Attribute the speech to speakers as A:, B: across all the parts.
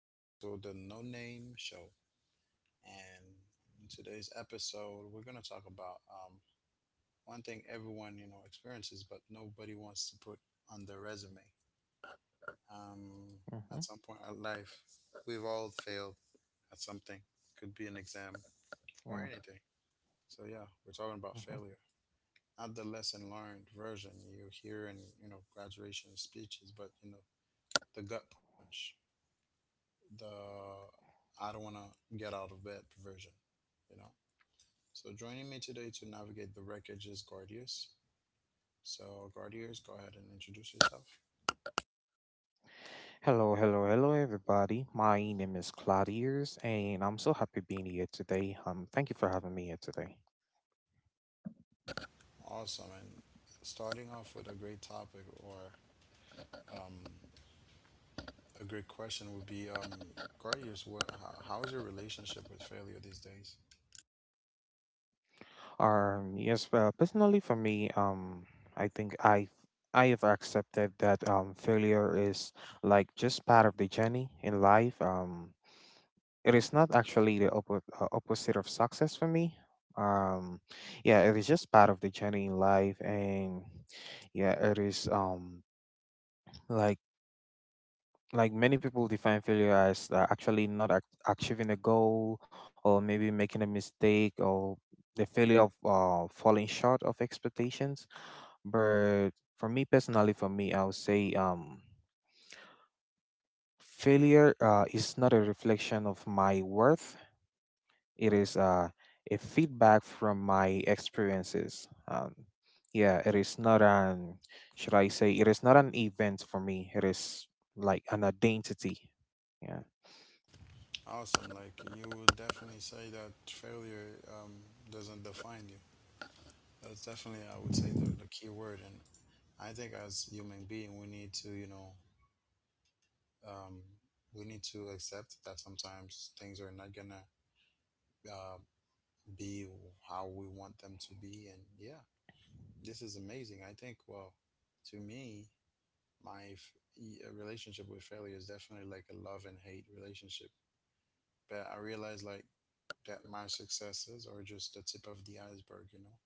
A: back to the No Name Show. And in today's episode, we're going to talk about one thing everyone experiences, but nobody wants to put on their resume. Um, at some point in
B: Mhm,
A: life, we've all failed at something. Could be an exam or anything.
B: mm,
A: So yeah, we're talking about failure,
B: mhm.
A: not the lesson learned version you hear in graduation speeches, but the gut punch. The I don't want to get out of bed version, you know. So joining me today to navigate the wreckage is Gordius. So Gordius, go ahead and introduce yourself.
B: Hello, hello, hello, everybody. My name is Claudius, and I'm so happy being here today. Thank you for having me here today.
A: Awesome. And starting off with a great topic or um, a great question would be, Gordius, how is your relationship with failure these days?
B: Yes, Personally for me, I think I have accepted that failure is just part of the journey in life. It is not actually the opposite of success for me. Um, yeah, it is just part of the journey in life, and yeah, it is like like many people define failure as actually not achieving a goal or maybe making a mistake or the failure of falling short of expectations, but for me, I would say failure is not a reflection of my worth. It is a feedback from my experiences. Yeah, it is not an event for me. It is like an identity. Yeah.
A: Awesome. Like you would definitely say that failure doesn't define you. That's definitely, I would say, the key word. And I think as human being, we need to, you know, um, we need to accept that sometimes things are not gonna uh, be how we want them to be, and yeah, this is amazing. I think, well, to me, my f- a relationship with failure is definitely like a love and hate relationship. But I realize like that my successes are just the tip of the iceberg, you know,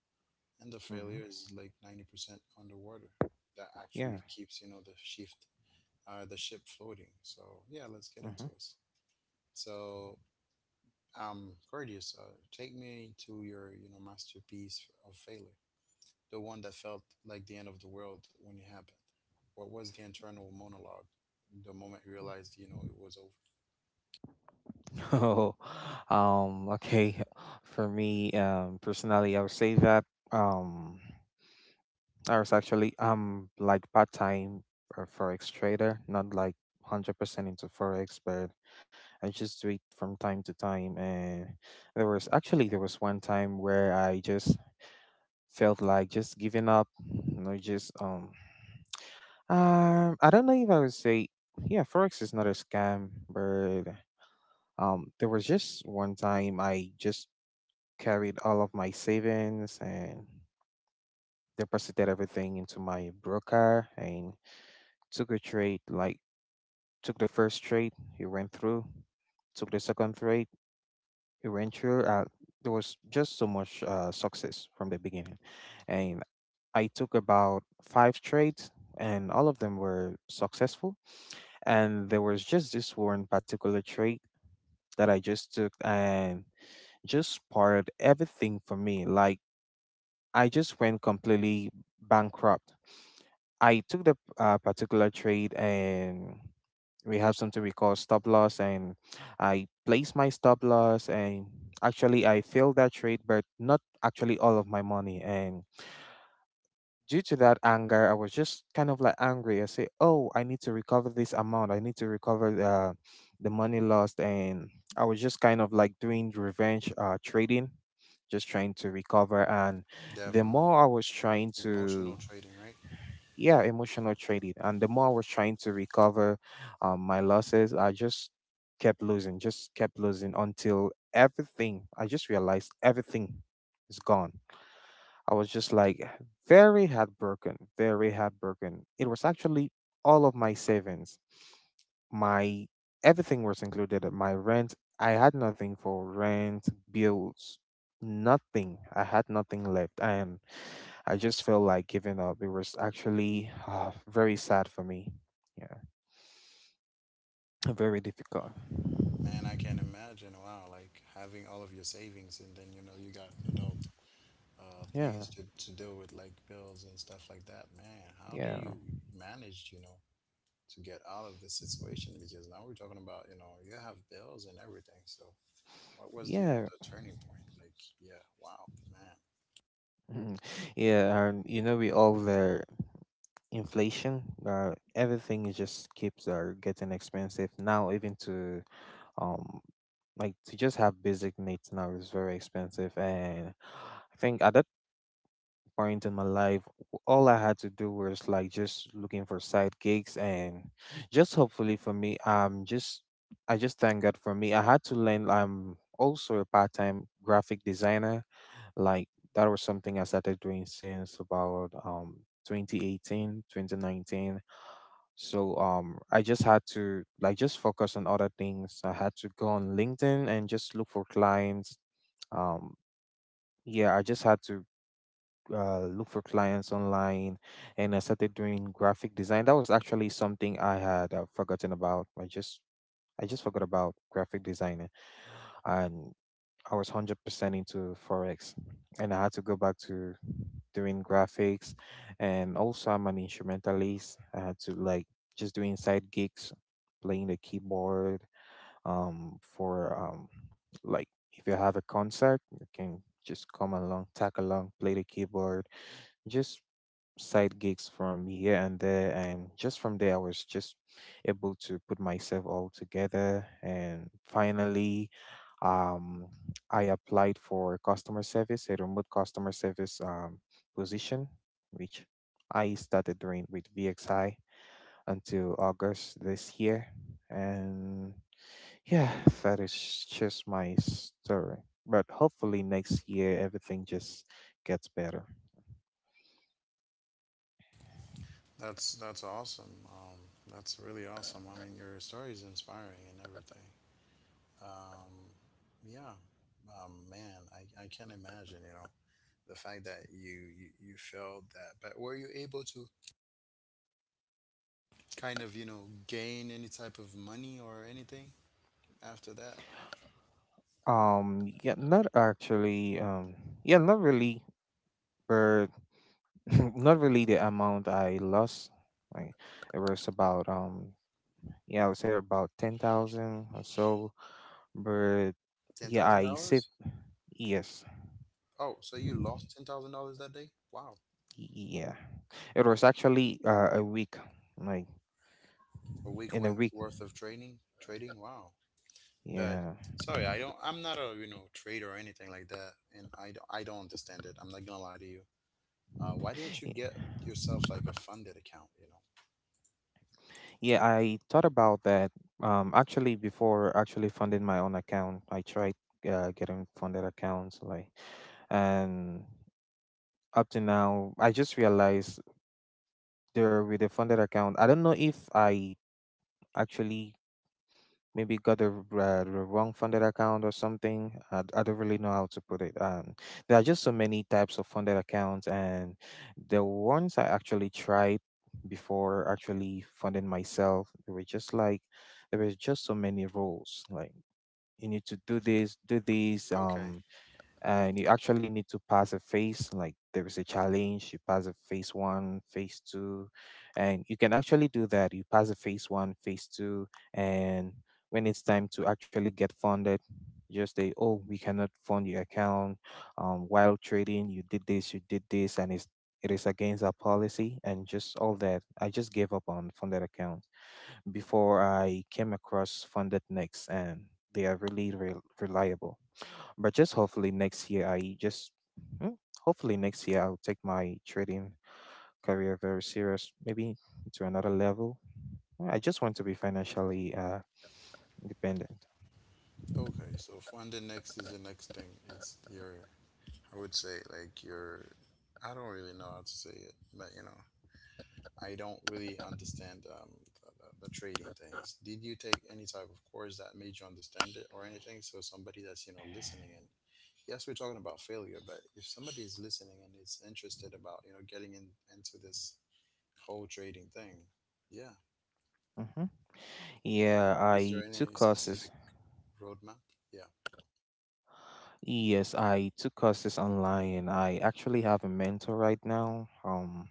A: and the
B: hmm
A: failure is like 90% underwater. That
B: Yeah.
A: actually keeps, you know, the ship floating. So yeah, let's get
B: hmm
A: into it. So Gordius, take me to your masterpiece of failure, the one that felt like the end of the world when it happened. What was the internal monologue? The moment you realized it was over.
B: Oh, okay. For me, personally, I would say that um, I was actually like part-time forex trader, not like 100% into forex, but I just do it from time to time. And there was one time where I just felt like just giving up, you know, just I don't know if I would say, yeah, forex is not a scam, but there was just one time I just carried all of my savings and deposited everything into my broker and took a trade. Like, took the first trade, it went through. Took the second trade, it went through. There was just so much success from the beginning, and I took about five trades and all of them were successful. And there was just this one particular trade that I just took and just spoiled everything for me. Like, I just went completely bankrupt. I took the particular trade and we have something we call stop loss, and I placed my stop loss and actually I failed that trade, but not actually all of my money. And due to that anger, I was just kind of like angry. I say, "Oh, I need to recover this amount. I need to recover the money lost." And I was just kind of like doing revenge trading, just trying to recover. And the
A: Definitely
B: more I was trying to,
A: emotional trading, right?
B: yeah, emotional trading, and the more I was trying to recover my losses, I just kept losing until everything. I just realized everything is gone. I was just like very heartbroken, very heartbroken. It was actually all of my savings. My everything was included. My rent, I had nothing for rent, bills, nothing. I had nothing left. And I just felt like giving up. It was actually very sad for me. Yeah. Very difficult.
A: Man, I can imagine. Wow, like having all of your savings and then you got adult
B: Yeah.
A: things to deal with like bills and stuff like that. Man, how do
B: Yeah.
A: you manage? You know, to get out of this situation because now we're talking about you have bills and everything, so what was
B: Yeah.
A: the turning point, like, yeah, wow, man,
B: Mhm. Yeah, you know, we all there. Inflation, everything just keeps getting expensive now. Even to um, like to just have basic needs now is very expensive, and I think at that point in my life, all I had to do was like just looking for side gigs. And just hopefully for me, just I just thank God for me. I had to learn. I'm also a part time graphic designer. Like, that was something I started doing since about 2018, 2019. So I just had to like just focus on other things. I had to go on LinkedIn and just look for clients. Um yeah, I just had to look for clients online, and I started doing graphic design. That was actually something I had forgotten about. I just forgot about graphic design, and I was 100% into Forex, and I had to go back to doing graphics. And also, I'm an instrumentalist. I had to like just doing side gigs, playing the keyboard for like if you have a concert, you can just come along, tag along, play the keyboard, just side gigs from here and there. And just from there, I was just able to put myself all together and finally um I applied for customer service, a remote customer service position, which I started doing with VXI until August this year. And yeah, that is just my story. But hopefully next year everything just gets better.
A: that's awesome. That's really awesome. I mean, your story is inspiring and everything. um yeah Man, I can't imagine, you know, the fact that you felt that, but were you able to kind of, you know, gain any type of money or anything after that?
B: Yeah, not actually. Yeah, not really. But not really the amount I lost. Like, it was about yeah, I would say about 10,000 or so. But
A: ten
B: yeah,
A: thousand
B: I saved,
A: dollars
B: yes.
A: Oh, so you lost $10,000 that day. Wow.
B: Yeah. It was actually a week. Like,
A: A week
B: in a
A: went
B: week.
A: worth of training trading. Wow. But
B: Yeah.
A: sorry, I'm not a, you know, trader or anything like that and I don't understand it. I'm not gonna lie to you. Why didn't you
B: Y-
A: get yourself like a funded account, you know?
B: Yeah, I thought about that. Actually before actually funding my own account, I tried getting funded accounts, like, and up to now I just realized they're with a funded account. I don't know if I actually maybe got the, the wrong funded account or something. I don't really know how to put it. There are just so many types of funded accounts, and the ones I actually tried before actually funding myself, they were just like there was just so many rules. Like, you need to do this, do this.
A: okay
B: And you actually need to pass a phase. Like, there is a challenge, you pass a phase one, phase two, and you can actually do that. You pass a phase one, phase two, and when it's time to actually get funded, you just say, "Oh, we cannot fund your account. While trading you did this, you did this, and it's it is against our policy," and just all that. I just gave up on funded accounts before I came across funded next, and they are really reliable. But just hopefully next year, I just mm, hopefully next year I'll take my trading career very serious, maybe to another level. Yeah, I just want to be financially independent.
A: okay so funded next is the next thing. It's your, I would say, like, your, I don't really know how to say it, but, you know, I don't really understand the trading things. Did you take any type of course that made you understand it or anything, so somebody that's, you know, listening and, yes, we're talking about failure, but if somebody is listening and is interested about, you know, getting into this whole trading thing, yeah,
B: hmm
A: Uh,
B: Yeah,
A: is there
B: I took
A: any specific
B: courses.
A: roadmap? Yeah.
B: Yes, I took courses online. I actually have a mentor right now.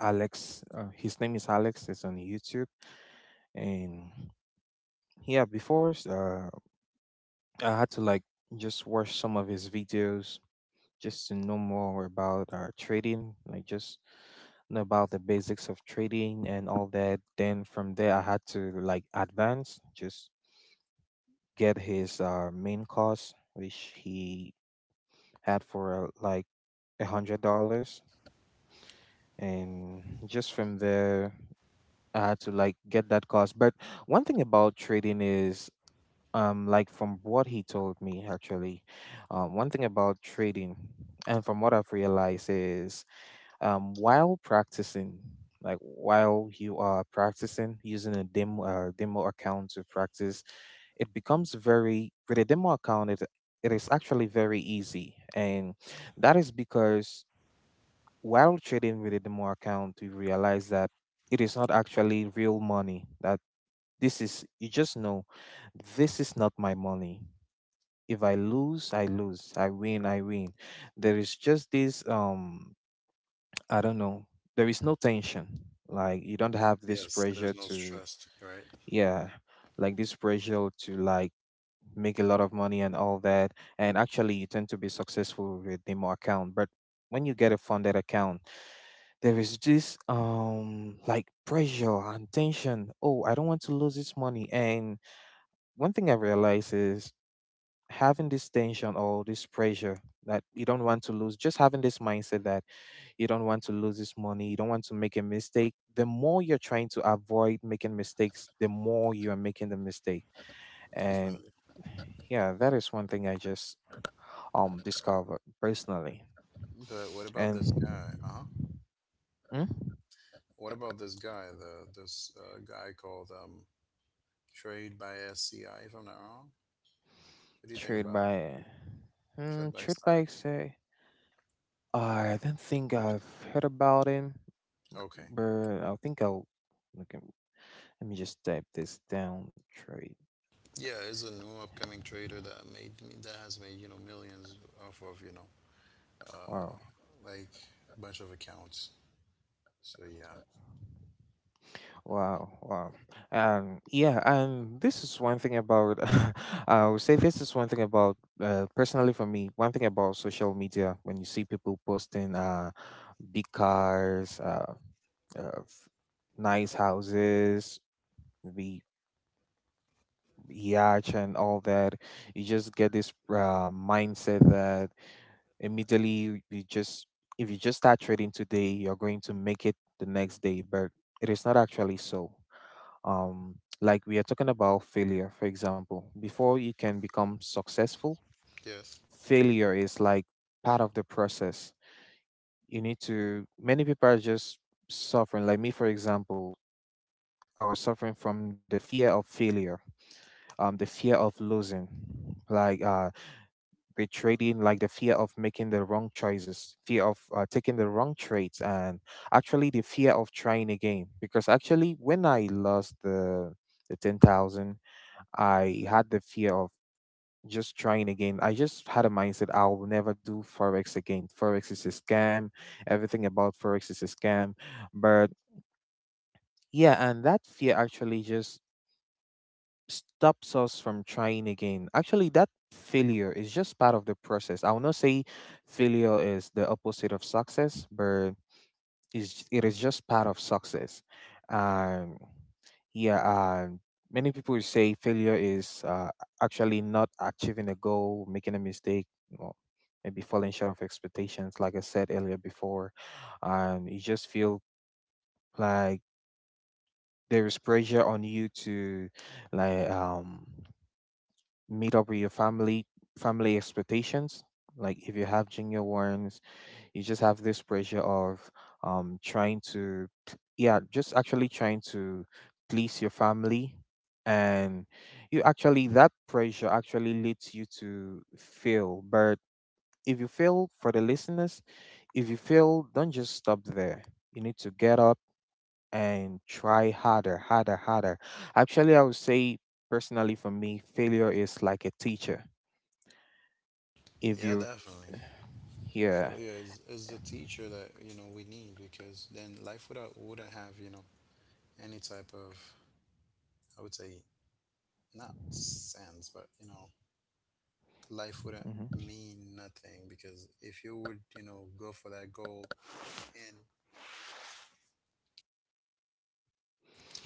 B: Alex. His name is Alex. It's on YouTube, and yeah, before I had to like just watch some of his videos just to know more about trading. Like, just know about the basics of trading and all that. Then from there I had to like advance, just get his main course which he had for like $100. And just from there I had to like get that cost. But one thing about trading is like from what he told me actually, one thing about trading and from what I've realized is while practicing, like while you are practicing using a demo account to practice, it becomes very, with a demo account it is actually very easy. And that is because while trading with a demo account you realize that it is not actually real money. That this is, you just know this is not my money. If I lose, I lose. I win, I win. There is just this I don't know. There is no tension. Like, you don't have this
A: Yes, there's
B: pressure
A: no
B: to,
A: stress, right?
B: yeah, like this pressure to like make a lot of money and all that. And actually you tend to be successful with demo account. But when you get a funded account, there is this like pressure and tension. Oh, I don't want to lose this money. And one thing I realize is having this tension or this pressure that you don't want to lose, just having this mindset that you don't want to lose this money, you don't want to make a mistake, the more you're trying to avoid making mistakes, the more you are making the mistake. And
A: Definitely.
B: yeah, that is one thing I just discovered personally.
A: But what about this
B: And
A: guy? Uh huh.
B: hmm?
A: What about this guy? The this guy called Trade by SCI, if I'm not wrong. What do you think
B: Trade
A: about him?
B: by hmm,
A: Trade by
B: trade by
A: SCI.
B: say, I don't think I've heard about him,
A: Okay.
B: but I think I'll look him. Let me just type this down. Trade.
A: Yeah, it's a new upcoming trader that has made, you know, millions off of, you know, uh,
B: Wow.
A: like a bunch of accounts. So
B: Wow. Wow. Yeah. And this is one thing about. I would say this is one thing about. Personally, for me, one thing about social media, when you see people posting big cars, uh, f- nice houses, maybe yacht and all that, you just get this mindset that immediately you just, if you just start trading today you're going to make it the next day. But it is not actually so. Like, we are talking about failure, for example. Before you can become successful,
A: yes,
B: failure is like part of the process. You need to, many people are just suffering. Like me, for example, I was suffering from the fear of failure, the fear of losing, like, they trade in, like the fear of making the wrong choices, fear of taking the wrong trades, and actually the fear of trying again. Because actually, when I lost the 10,000, I had the fear of just trying again. I just had a mindset I'll never do forex again. Forex is a scam. Everything about forex is a scam. But yeah, and that fear actually just stops us from trying again. Actually, that failure is just part of the process. I will not say failure is the opposite of success, but is it is just part of success. Um, yeah, many people will say failure is actually not achieving a goal, making a mistake, or maybe falling short of expectations. Like I said earlier before, you just feel like there is pressure on you to like um meet up with your family expectations. Like if you have junior ones, you just have this pressure of trying to, yeah, just actually trying to please your family. And you actually, that pressure actually leads you to fail. But if you fail, for the listeners, if you fail, don't just stop there. You need to get up and try harder, harder, harder. Actually, I would say personally for me, failure is like a teacher. If
A: yeah,
B: you
A: definitely.
B: yeah.
A: Failure is the teacher that, you know, we need, because then life without wouldn't have, you know, any type of, I would say, not sense, but, you know, life wouldn't
B: Hmm.
A: mean nothing, because if you would, you know, go for that goal and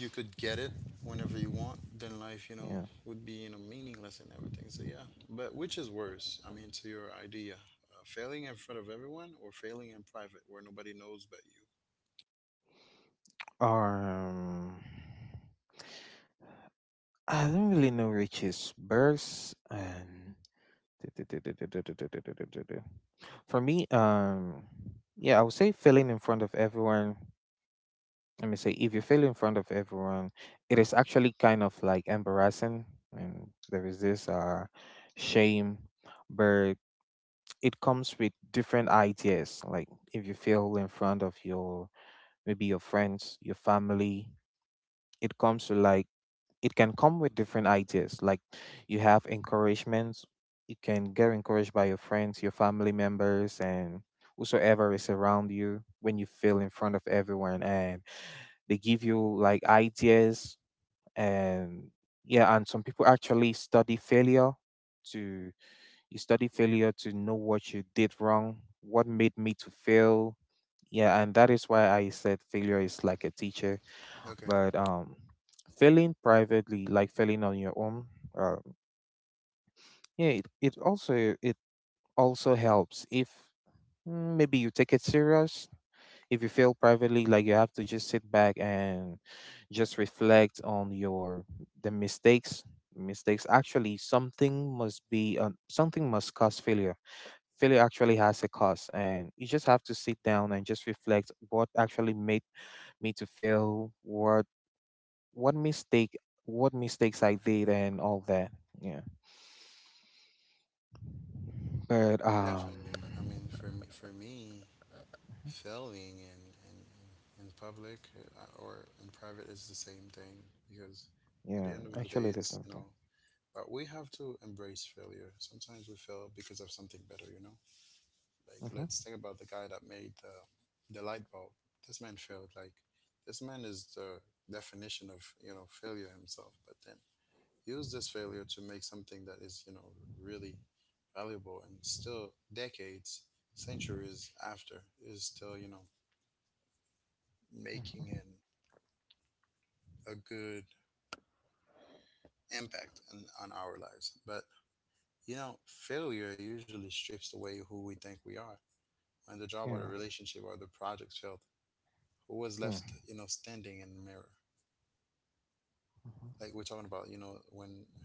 A: you could get it whenever you want, then life, you
B: Yeah.
A: know, would be, you know, meaningless and everything. So, yeah. But which is worse? I mean, to your idea, failing in front of everyone or failing in private where nobody knows but you?
B: um I don't really know richie's birds. And for me, yeah, I would say failing in front of everyone. Let me say if you fail in front of everyone, it is actually kind of like embarrassing, and there is this shame. But it comes with different ideas. Like if you fail in front of your maybe your friends, your family. It comes to like it can come with different ideas. Like you have encouragements. You can get encouraged by your friends, your family members, and whosoever is around you when you feel in front of everyone, and they give you like ideas. And yeah. And some people actually study failure to, you study failure to know what you did wrong, what made me to fail. Yeah, and that is why I said failure is like a teacher.
A: Okay.
B: But Failing privately, like failing on your own, uh, yeah, it also helps if, mm, maybe you take it serious. If you fail privately, like you have to just sit back and just reflect on your the mistakes. Mistakes, actually something must be, something must cause failure. Failure actually has a cost, and you just have to sit down and just reflect what actually made me to fail, what mistake, what mistakes I did and all that. Yeah. But
A: Definitely. I mean, for me, failing in public or in private is the same thing, because
B: Yeah,
A: at the end of
B: actually
A: the
B: there's
A: day, it's,
B: something.
A: you know, but we have to embrace failure. Sometimes we fail because of something better, you know? Like,
B: Mm-hmm.
A: let's think about the guy that made the light bulb. This man failed. Like, this man is the definition of, you know, failure himself. But then use this failure to make something that is, you know, really valuable, and still decades, centuries after is still, you know,
B: Mm-hmm.
A: making a good impact on our lives. But, you know, failure usually strips away who we think we are. When the
B: Yeah.
A: job or the relationship or the project failed, who was
B: Yeah.
A: left, you know, standing in the mirror?
B: Mm-hmm.
A: Like we're talking about, you know, when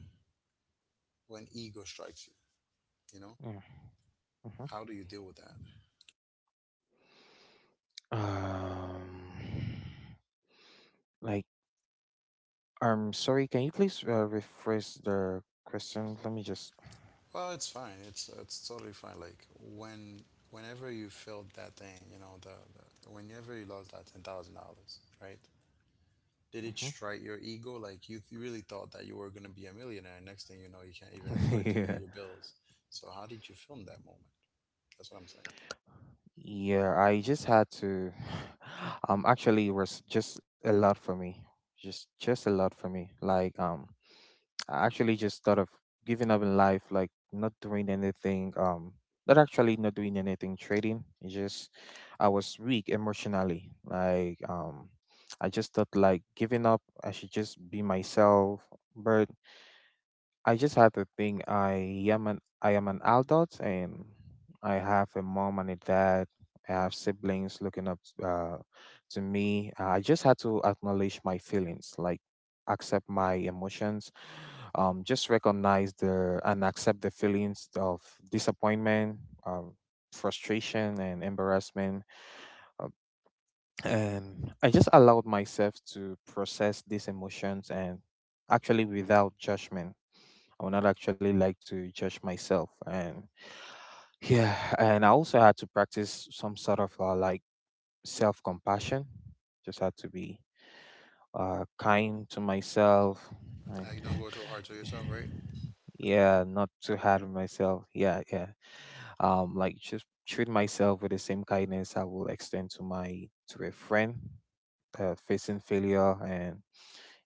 A: when ego strikes you, you know,
B: Yeah. Mm-hmm.
A: how do you deal with that?
B: Um like, sorry, can you please rephrase the question? Let me just.
A: Well, it's fine, it's totally fine. Like whenever you felt that thing, you know, the whenever you lost that $10,000, right? Did it strike your ego? Like you really thought that you were going to be a millionaire, next thing you know you can't even
B: Mm-hmm.
A: afford to
B: Yeah.
A: pay your bills. So how did you film that moment? That's what I'm saying.
B: Yeah, I just had to. Actually, it was just a lot for me. Just a lot for me. Like, I actually just thought of giving up in life, like not doing anything. Not actually, not doing anything trading. It just, I was weak emotionally. Like, I just thought like giving up. I should just be myself. But I just had to think I am an adult, and I have a mom and a dad. I have siblings looking up to me. I just had to acknowledge my feelings, like accept my emotions, just recognize the and accept the feelings of disappointment, um, frustration, and embarrassment. Uh, and I just allowed myself to process these emotions and actually without judgment. I would not actually like to judge myself. And yeah, and I also had to practice some sort of like self compassion. Just had to be kind to myself. I,
A: You don't go too hard to yourself, right?
B: yeah, not too hard on myself. Yeah, yeah. Like just treat myself with the same kindness I will extend to my to a friend facing failure. And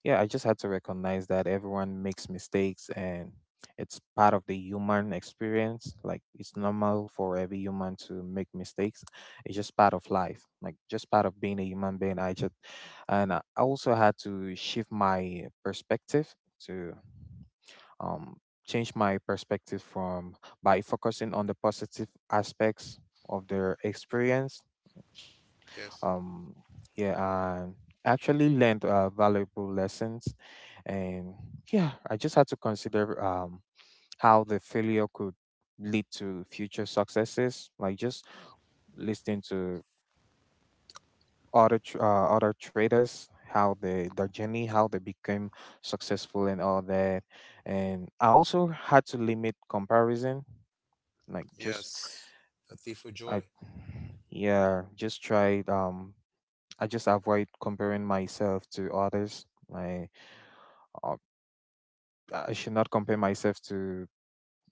B: yeah, I just had to recognize that everyone makes mistakes, and it's part of the human experience. Like it's normal for every human to make mistakes. It's just part of life, like just part of being a human being. I just and I also had to shift my perspective to, um change my perspective from by focusing on the positive aspects of their experience.
A: yes
B: um yeah. And actually learned valuable lessons. And yeah, I just had to consider how the failure could lead to future successes, like just listening to other traders, how they their journey, how they became successful and all that. And I also had to limit comparison, like just,
A: yes a thief of
B: I
A: joy.
B: yeah, just tried. I just avoid comparing myself to others. My uh, I should not compare myself to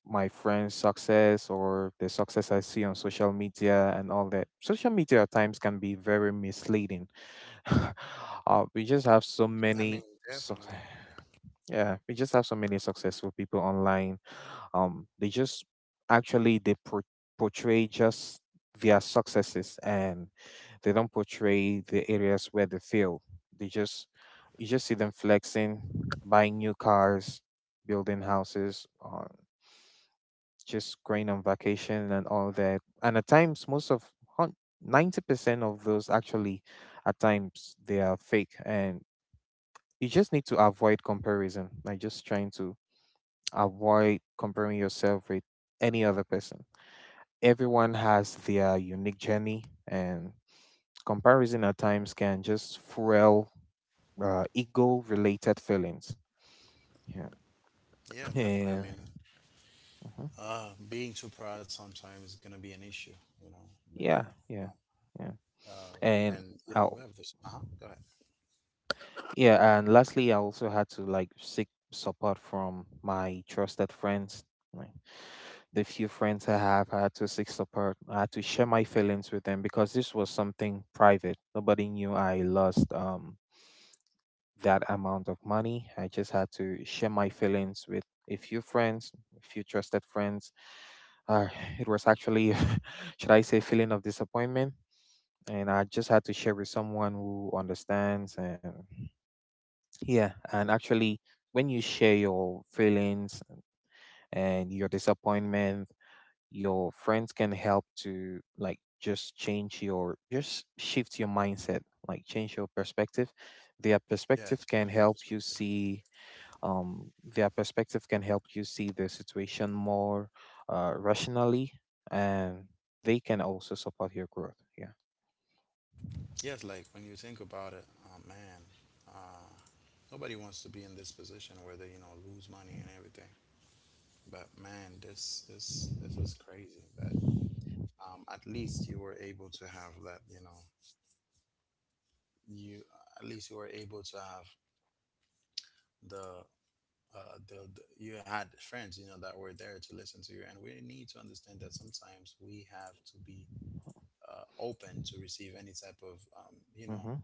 B: my friends' success or the success I see on social media and all that. Social media at times can be very misleading. We just have so
A: I
B: many,
A: mean
B: so,
A: definitely
B: yeah, we just have so many successful people online. They just actually portray just their successes, and they don't portray the areas where they fail. They just, you just see them flexing, buying new cars, building houses, just going on vacation and all that. And at times, most of, hun- 90% of those actually at times they are fake. And you just need to avoid comparison, like just trying to avoid comparing yourself with any other person. Everyone has their unique journey, and comparison at times can just fuel ego related feelings. Yeah.
A: Yeah, definitely. I
B: Yeah.
A: mean,
B: Mhm.
A: Being too proud sometimes is gonna be an issue, you know. But yeah,
B: Yeah. Yeah. Yeah.
A: uh,
B: And
A: and you know we
B: I'll,
A: have this. Uh huh. Go ahead.
B: yeah. And lastly, I also had to like seek support from my trusted friends. Like the few friends I have, I had to seek support. I had to share my feelings with them because this was something private. Nobody knew I lost that amount of money. I just had to share my feelings with a few friends, a few trusted friends. Uh, it was actually, should I say, feeling of disappointment. And I just had to share with someone who understands. And yeah, and actually, when you share your feelings and your disappointment, your friends can help to like just change your, just shift your mindset, like change your perspective. Their
A: Yeah,
B: perspective can
A: change your
B: help you
A: perspective.
B: see, their perspective can help you see the situation more rationally. And they can also support your growth. Yeah.
A: Yes, like when you think about it, man, uh, nobody wants to be in this position where they, you know, lose money and everything. But man, this is crazy. That at least you were able to have that. You know, you at least you were able to have the, you had friends, you know, that were there to listen to you. And we need to understand that sometimes we have to be open to receive any type of, you know,
B: Mm-hmm.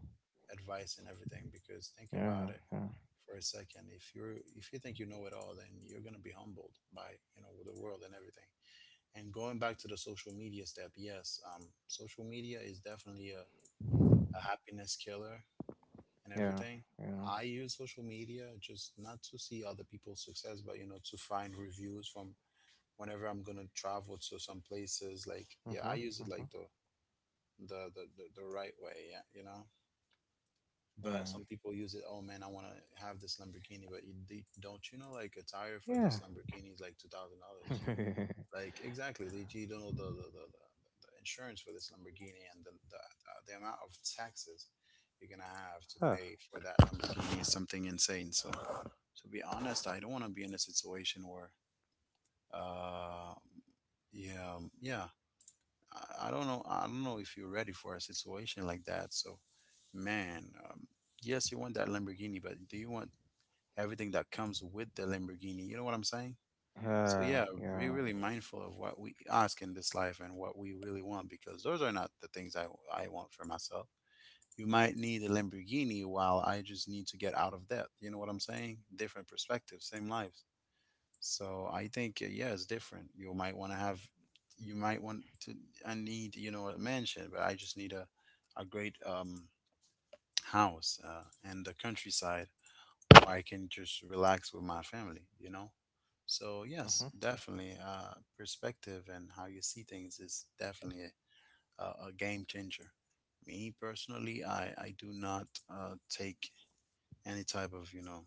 A: advice and everything. Because think about
B: Yeah.
A: it
B: Yeah.
A: for a second. If you're, if you think you know it all, then you're gonna be humbled by, you know, the world and everything. And going back to the social media step, yes, social media is definitely a happiness killer and
B: Yeah.
A: everything.
B: Yeah.
A: I use social media just not to see other people's success, but, you know, to find reviews from whenever I'm gonna travel to some places. Like, yeah,
B: Mm-hmm.
A: I use it
B: Mm-hmm.
A: like the the right way, yeah, you know. But
B: Yeah.
A: some people use it. Oh man, I want to have this Lamborghini, but you, don't you know like a tire for
B: Yeah.
A: this Lamborghini is like $2,000. Like exactly, they you don't know the the insurance for this Lamborghini and the amount of taxes you're gonna have to
B: Ah.
A: pay for that Lamborghini is something insane. So to be honest, I don't want to be in a situation where uh yeah yeah I don't know, I don't know if you're ready for a situation like that. So man, yes, you want that Lamborghini, but do you want everything that comes with the Lamborghini? You know what I'm saying? So yeah, be
B: Yeah.
A: really mindful of what we ask in this life and what we really want, because those are not the things I want for myself. You might need a Lamborghini while I just need to get out of debt. You know what I'm saying? Different perspectives, same lives. So I think yeah, it's different. You might want to have, you might want to. I need, you know, a mansion, but I just need a great house and the countryside, or I can just relax with my family, you know? So, yes,
B: Mm-hmm.
A: definitely, perspective and how you see things is definitely a game changer. Me personally, I do not take any type of, you know,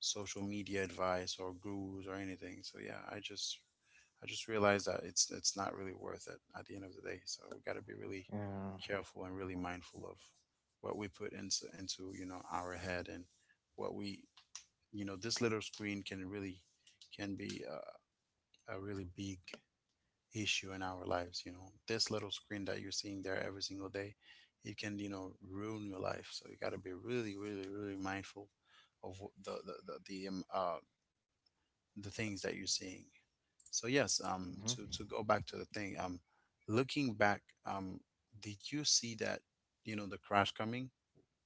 A: social media advice or gurus or anything. So, yeah, I just realized that it's not really worth it at the end of the day. So we got to be really
B: Yeah.
A: careful and really mindful of what we put into our head and what we this little screen can really can be a really big issue in our lives. You know, this little screen that you're seeing there every single day, it can ruin your life. So you got to be really, really, really mindful of the things that you're seeing. So yes,
B: Mm-hmm.
A: to go back to the thing. Looking back, did you see that, the crash coming,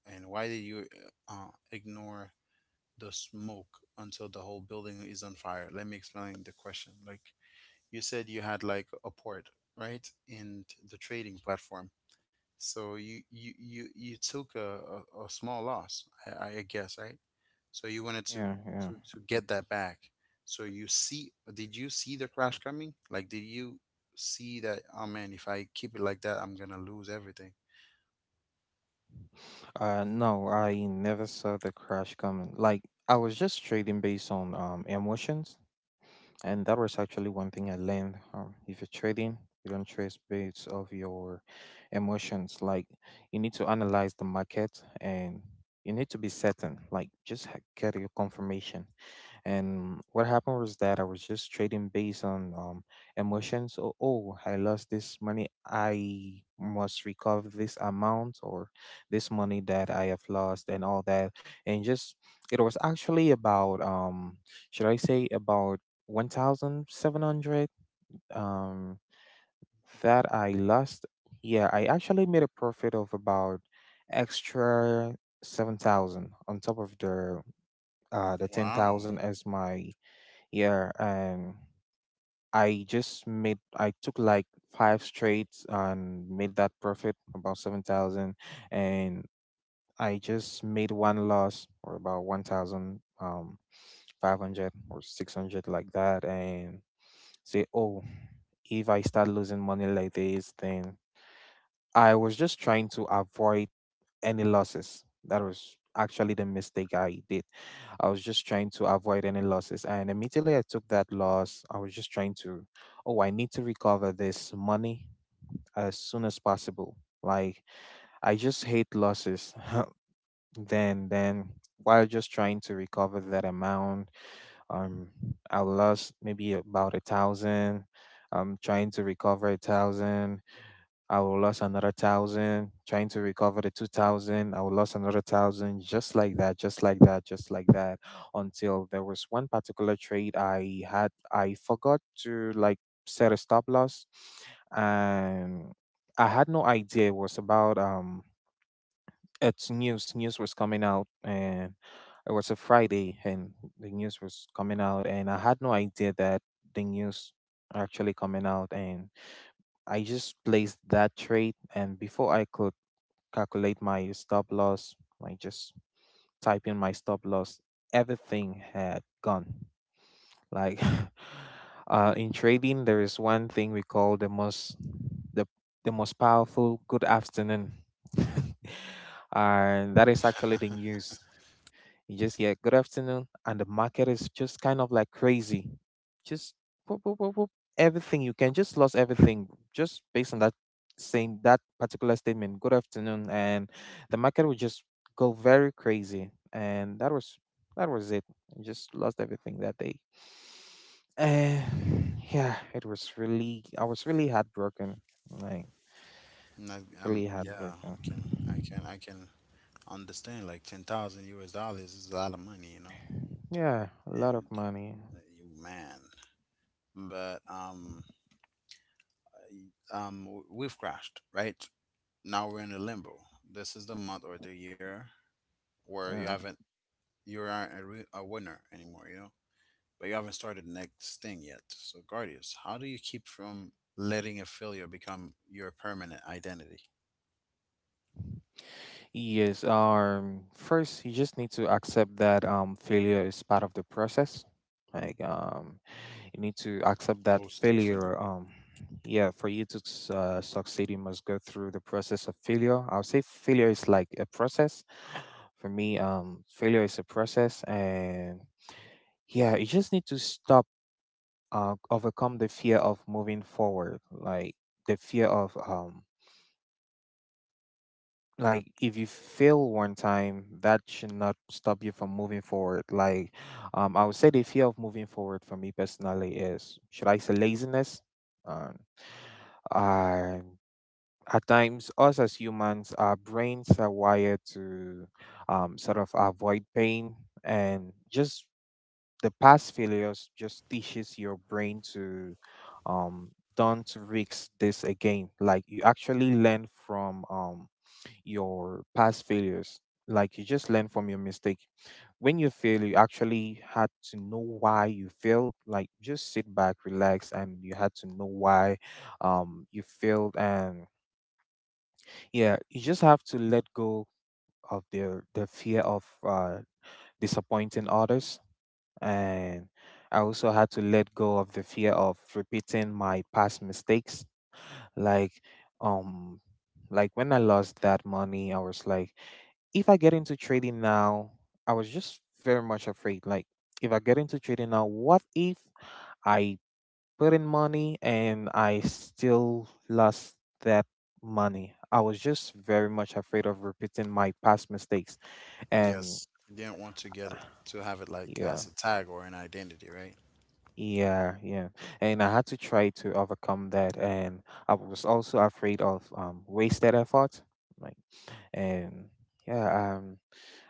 A: and why did you ignore the smoke until the whole building is on fire? Let me explain the question. Like you said, you had like a port, right, in the trading platform. So you took a small loss, I guess, right? So you wanted to,
B: Yeah. Yeah.
A: to get that back. So you see, did you see the crash coming? Like, did you see that, oh man, if I keep it like that, I'm gonna lose everything?
B: No, I never saw the crash coming. Like I was just trading based on emotions. And that was actually one thing I learned. If you're trading, you don't trade based of your emotions. Like you need to analyze the market, and you need to be certain. Like just get your confirmation. And what happened was that I was just trading based on emotions. Oh, oh, I lost this money. I must recover this amount or this money that I have lost and all that. And just, it was actually about, should I say, about 1,700 um, that I lost. Yeah, I actually made a profit of about extra 7,000 on top of the
A: Wow.
B: 10,000 as my. Yeah, and I just made I took like five trades and made that profit about 7,000, and I just made one loss or about 1,000 500 or 600 like that. And say, oh, if I start losing money like this, then, I was just trying to avoid any losses. That was actually the mistake I did. I was just trying to avoid any losses. And immediately I took that loss, I was just trying to, oh, I need to recover this money as soon as possible. Like, I just hate losses. Then while just trying to recover that amount, um, I lost maybe about 1,000. I'm trying to recover 1,000, I will lose another 1,000, trying to recover the 2,000. I will lose another 1,000, just like that, just like that, just like that, until there was one particular trade I had. I forgot to like set a stop loss, and I had no idea it was about. It's news. News was coming out, and it was a Friday, and the news was coming out, and I had no idea that the news actually coming out, and I just placed that trade, and before I could calculate my stop loss, I just type in my stop loss. Everything had gone. Like in trading, there is one thing we call the most, the the most powerful good afternoon, and that is actually the news. You just hear good afternoon, and the market is just kind of like crazy. Just boop, boop, boop, boop. Everything, you can just lost everything just based on that saying that particular statement. Good afternoon, and the market would just go very crazy, and that was it. I just lost everything that day, and yeah, it was really I was really heartbroken, like
A: Not,
B: really
A: Yeah, I can,
B: heartbroken.
A: I can understand like 10,000 US dollars is a lot of money, you know.
B: Yeah, a lot
A: And
B: of money.
A: you, man, but we've crashed, right? Now we're in a limbo. This is the month or the year where
B: Yeah.
A: you aren't a winner anymore, you know. But you haven't started the next thing yet. So Guardians, how do you keep from letting a failure become your permanent identity?
B: Yes, first you just need to accept that failure is part of the process. Like um, you need to accept that
A: Most
B: failure.
A: definitely.
B: Yeah, for you to succeed, you must go through the process of failure. I'll say failure is like a process. For me, failure is a process, and yeah, you just need to stop, overcome the fear of moving forward, like the fear of Like if you fail one time that should not stop you from moving forward. Like, I would say the fear of moving forward for me personally is, should I say, laziness. Um and at times us as humans our brains are wired to sort of avoid pain, and just the past failures just teaches your brain to um don't risk this again. Like you actually learn from your past failures. Like you just learn from your mistake. When you fail, you actually had to know why you failed. Like just sit back, relax, and you had to know why you failed. And yeah, you just have to let go of the fear of disappointing others. And I also had to let go of the fear of repeating my past mistakes. Like um like when I lost that money, I was like, if I get into trading now, I was just very much afraid. Like, if I get into trading now, what if I put in money and I still lost that money? I was just very much afraid of repeating my past mistakes. And
A: Yes. You didn't want to get it to have it like
B: yeah,
A: as a tag or an identity, right?
B: yeah, yeah. And I had to try to overcome that. And I was also afraid of wasted effort. Like, and yeah,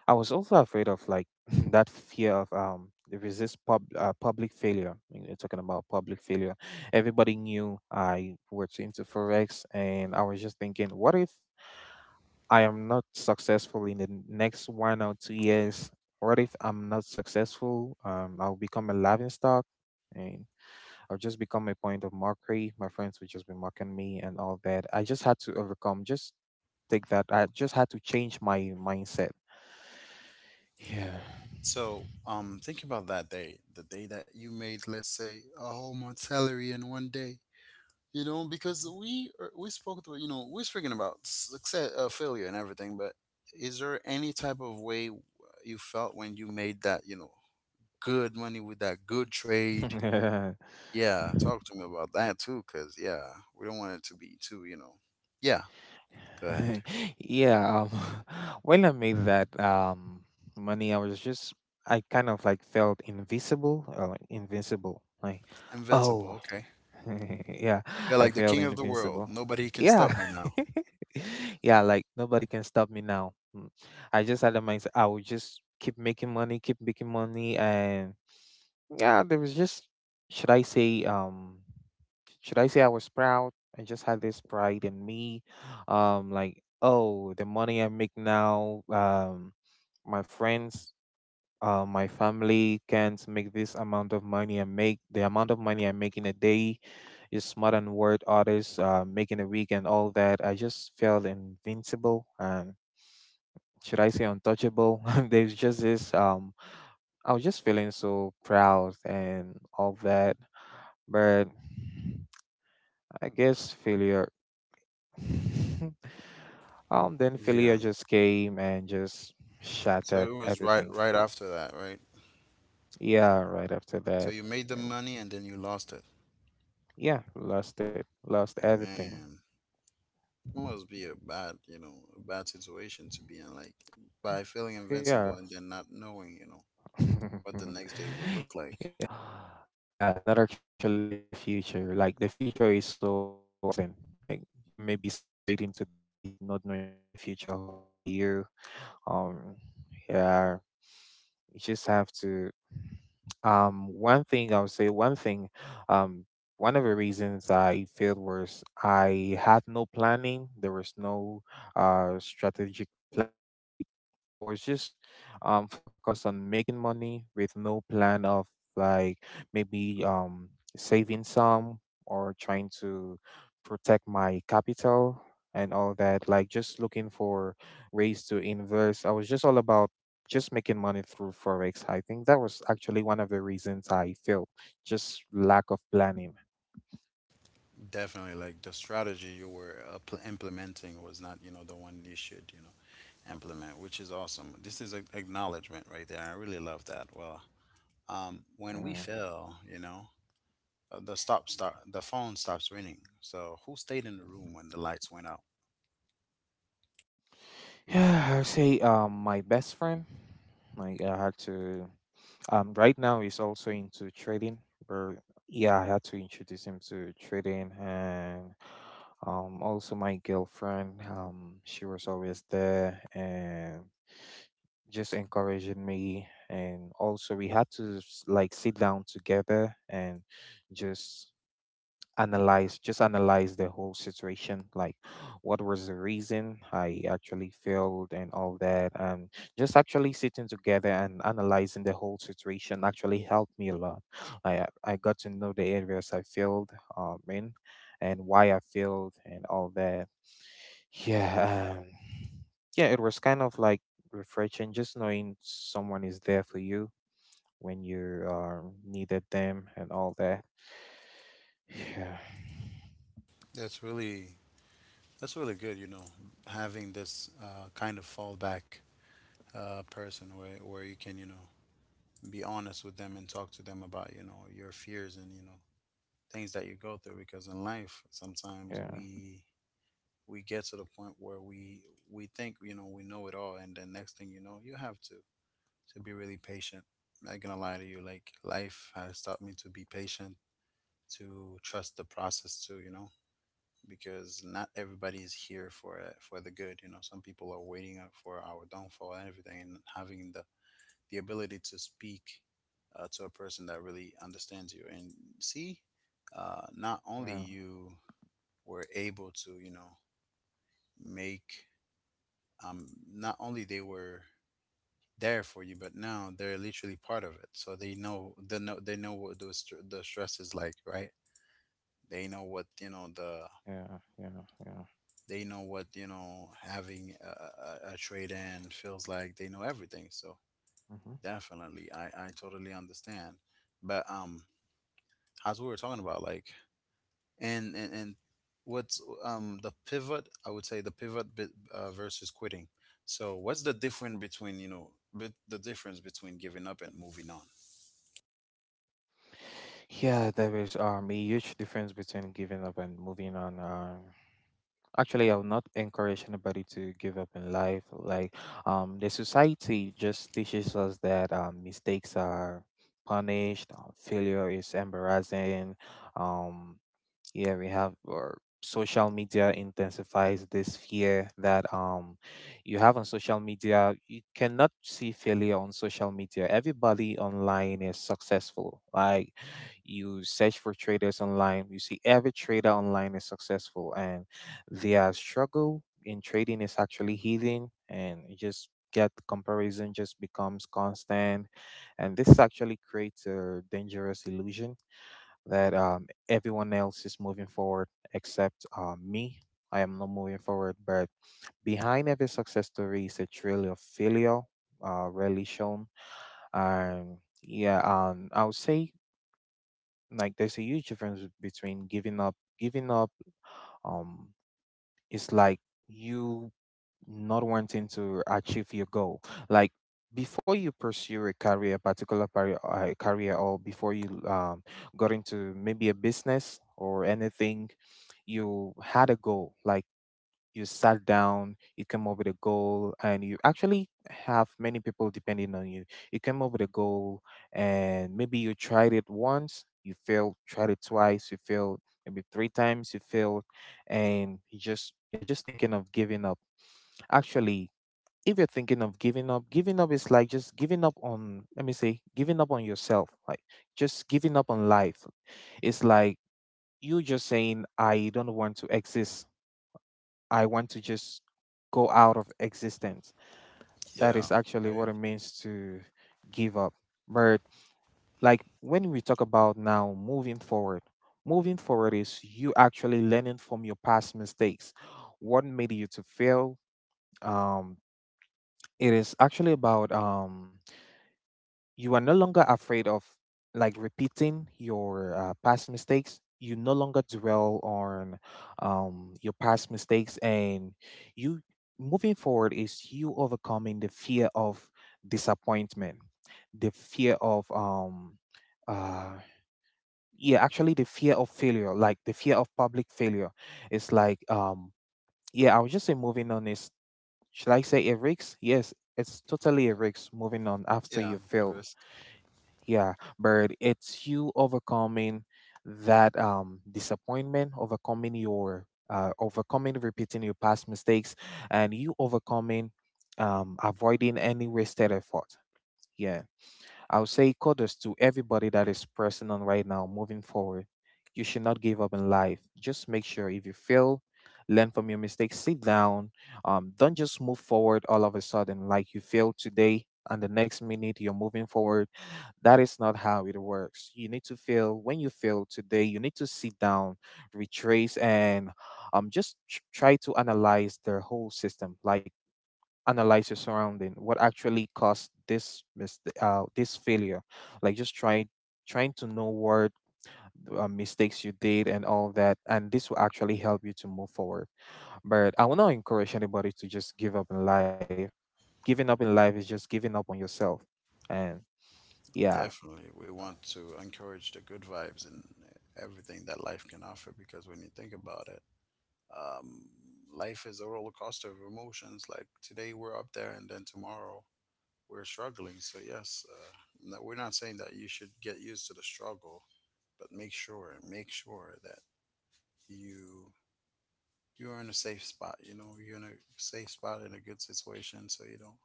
B: I was also afraid of, like, that fear of the resist pub public failure. I mean, you're talking about public failure. Everybody knew I worked into forex, and I was just thinking, what if I am not successful in the n- next 1 or 2 years? What if I'm not successful? I'll become a laughing stock, and I'll just become a point of mockery. My friends would just be mocking me and all that. I just had to overcome. Just take that. I just had to change my mindset. Yeah.
A: So, think about that day, the day that you made, let's say, a whole month salary in one day. You know, because
B: Mhm.
A: we spoke, to we're speaking about success, failure, and everything. But is there any type of way you felt when you made that, good money with that good trade?
B: Yeah.
A: Yeah, talk to me about that too, cause yeah, we don't want it to be too, Yeah, go ahead.
B: Yeah, when I made that money, I was just, I kind of like felt invisible, or like invincible. Like,
A: Invincible.
B: oh,
A: Okay.
B: yeah,
A: You're
B: I
A: like the
B: felt
A: king of the world.
B: invincible.
A: Nobody can
B: Yeah,
A: stop me now.
B: yeah, like nobody can stop me now. Mm. I just had a mindset, I would just keep making money, keep making money. And yeah, there was just, should I say, um, should I say I was proud? I just had this pride in me. Like, oh, the money I make now, my friends, my family can't make this amount of money I make. The amount of money I make in a day is more than what others make in a week and all that. I just felt invincible and, should I say, untouchable? There's just this. I was just feeling so proud and all that. But I guess failure then failure
A: Yeah.
B: just came and just
A: So
B: shattered
A: it was right
B: everything.
A: right after that, right?
B: Yeah, right after
A: So
B: that.
A: you made the
B: Uh,
A: money and then you lost it.
B: yeah, lost it. Lost everything.
A: Man, it must be a bad, you know, a bad situation to be in, like by feeling invincible
B: Yeah.
A: and then not knowing, you know, what the next day would look
B: Yeah.
A: like.
B: Yeah, not actually knowing the future. Like the future is so uncertain. Like you may be celebrating today, not knowing what the future holds for you. Um yeah, you just have to. One thing I would say, one thing um one of the reasons I failed was I had no planning. There was no strategic plan. Like, I was just focused on making money with no plan of, like, maybe saving some, or trying to protect my capital and all that. Like, just looking for ways to invest. I was just all about just making money through forex. I think that was actually one of the reasons I failed: just lack of planning.
A: Definitely, like the strategy you were appl implementing was not, you know, the one you should, you know, implement, which is awesome. This is a acknowledgement right there. I really love that. Well, when we
B: Yeah,
A: fail, you know, the stop start, the phone stops ringing. So who stayed in the room when the lights went out?
B: yeah, I would say my best friend. Like, I had to. Right now he's also into trading. But yeah, I had to introduce him to trading, and also my girlfriend. She was always there and just encouraging me, and also we had to s- like sit down together and just analyze the whole situation, like what was the reason I actually failed and all that. And just actually sitting together and analyzing the whole situation actually helped me a lot. I got to know the areas I failed in and why I failed and all that. yeah um, yeah, it was kind of like refreshing, just knowing someone is there for you when you needed them and all that. Yeah.
A: That's really, that's really good. You know, having this kind of fallback person where you can, you know, be honest with them and talk to them about, you know, your fears and, you know, things that you go through, because in life sometimes
B: Yeah,
A: we get to the point where we think, you know, we know it all, and then next thing you know you have to, be really patient. I'm not gonna lie to you, like life has taught me to be patient, to trust the process too, you know, because not everybody is here for the good. You know, some people are waiting out for our downfall and everything, and having the ability to speak to a person that really understands you and see, not only
B: yeah.
A: you were able to, you know, make um, not only they were there for you, but now they're literally part of it. So they know they know what those the stress is like, right? They know what, you know, the,
B: Yeah, yeah, yeah.
A: they know what, you know, having a trade in feels like. They know everything. So
B: Hmm.
A: definitely, I totally understand. But as we were talking about, like, and what's, the pivot? I would say the pivot bit, versus quitting. So what's the difference between, you know, the difference between giving up and moving on?
B: Yeah, there is a huge difference between giving up and moving on. Actually, I will not encourage anybody to give up in life. Like, the society just teaches us that mistakes are punished, failure is embarrassing, um yeah, we have or social media intensifies this fear that you have. On social media you cannot see failure. On social media everybody online is successful. Like, you search for traders online, you see every trader online is successful, and their struggle in trading is actually hidden, and you just get comparison just becomes constant, and this actually creates a dangerous illusion that, everyone else is moving forward except me. I am not moving forward, but behind every success story is a trail of failure, rarely shown. And yeah, I would say, like, there's a huge difference between giving up. Giving up, um, it's like you not wanting to achieve your goal. Like, before you pursue a career, or before you got into maybe a business or anything, you had a goal. Like, you sat down, you came up with a goal, and you actually have many people depending on you. You came up with a goal, and maybe you tried it once, you failed, tried it twice, you failed, maybe three times you failed, and you're just thinking of giving up. Actually, if you're thinking of giving up is like just giving up on, let me say, giving up on yourself. Like just giving up on life. It's like you just saying, I don't want to exist. I want to just go out of existence. That
A: Yeah.
B: is actually
A: Right?
B: what it means to give up. But like when we talk about now moving forward is you actually learning from your past mistakes. What made you to fail? Um, it is actually about you are no longer afraid of like repeating your past mistakes. You no longer dwell on your past mistakes, and you moving forward is you overcoming the fear of disappointment, the fear of uh yeah, actually the fear of failure, like the fear of public failure. It's like yeah, I would just say moving on is, should I say, a risk. Yes, it's totally a risk moving on after
A: Yeah,
B: you
A: a
B: fail.
A: risk.
B: Yeah, but it's you overcoming that disappointment, overcoming your overcoming repeating your past mistakes, and you overcoming avoiding any wasted effort. Yeah. I'll say kudos to everybody that is pressing on right now, moving forward. You should not give up in life. Just make sure if you fail, learn from your mistakes, sit down. Don't just move forward all of a sudden, like you failed today and the next minute you're moving forward. That is not how it works. You need to fail. When you fail today, you need to sit down, retrace, and just try to analyze the whole system. Like, analyze your surrounding, what actually caused this this failure. Like, just trying to know what mistakes you did and all that, and this will actually help you to move forward. But I will not encourage anybody to just give up in life. Giving up in life is just giving up on yourself. And yeah.
A: Definitely. We want to encourage the good vibes and everything that life can offer, because when you think about it, um, life is a roller coaster of emotions. Like today we're up there, and then tomorrow we're struggling. So yes, no, we're not saying that you should get used to the struggle, but make sure that you you are in a safe spot. You know, you're in a safe spot in a good situation, so you don't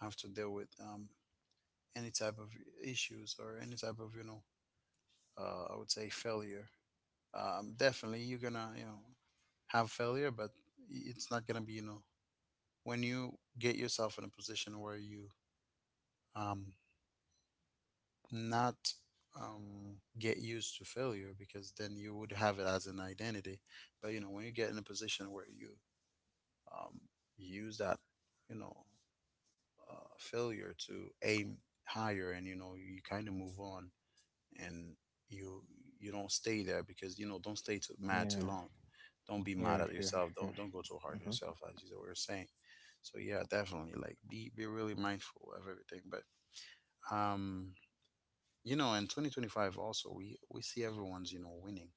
A: have to deal with any type of issues or any type of, you know, I would say failure. Definitely, you're gonna, you know, have failure, but it's not gonna be, you know, when you get yourself in a position where you, um, not get used to failure, because then you would have it as an identity. But you know, when you get in a position where you, um, use that, you know, failure to aim higher, and you know you kind of move on, and you you don't stay there, because you know, don't stay too mad too
B: Yeah,
A: long. Don't be
B: yeah,
A: mad at
B: yeah,
A: yourself,
B: yeah.
A: don't, go too hard on
B: Mm-hmm.
A: yourself, as you were saying. So yeah, definitely, like be really mindful of everything. But um you know, in 2025 also, we see everyone's, you know, winning.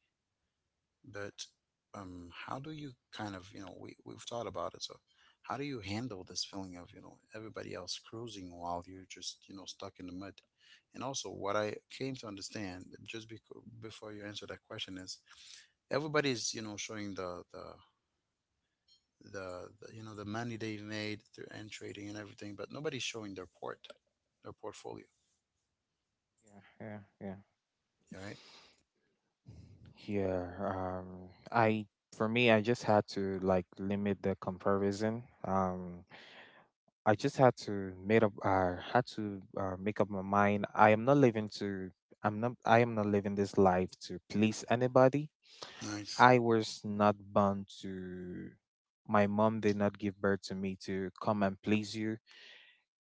A: But how do you kind of, you know, we've thought about it. So how do you handle this feeling of, you know, everybody else cruising while you're just, you know, stuck in the mud? And also what I came to understand just before you answer that question is, everybody's, you know, showing the you know, the money they've made through and trading and everything, but nobody's showing their port, their portfolio.
B: Yeah, yeah, yeah.
A: All right.
B: Yeah, I, for me, I just had to like limit the comparison. I just had to made up I had to make up my mind. I am not living to I am not living this life to please anybody.
A: Nice.
B: I was not bound to. My mom did not give birth to me to come and please you.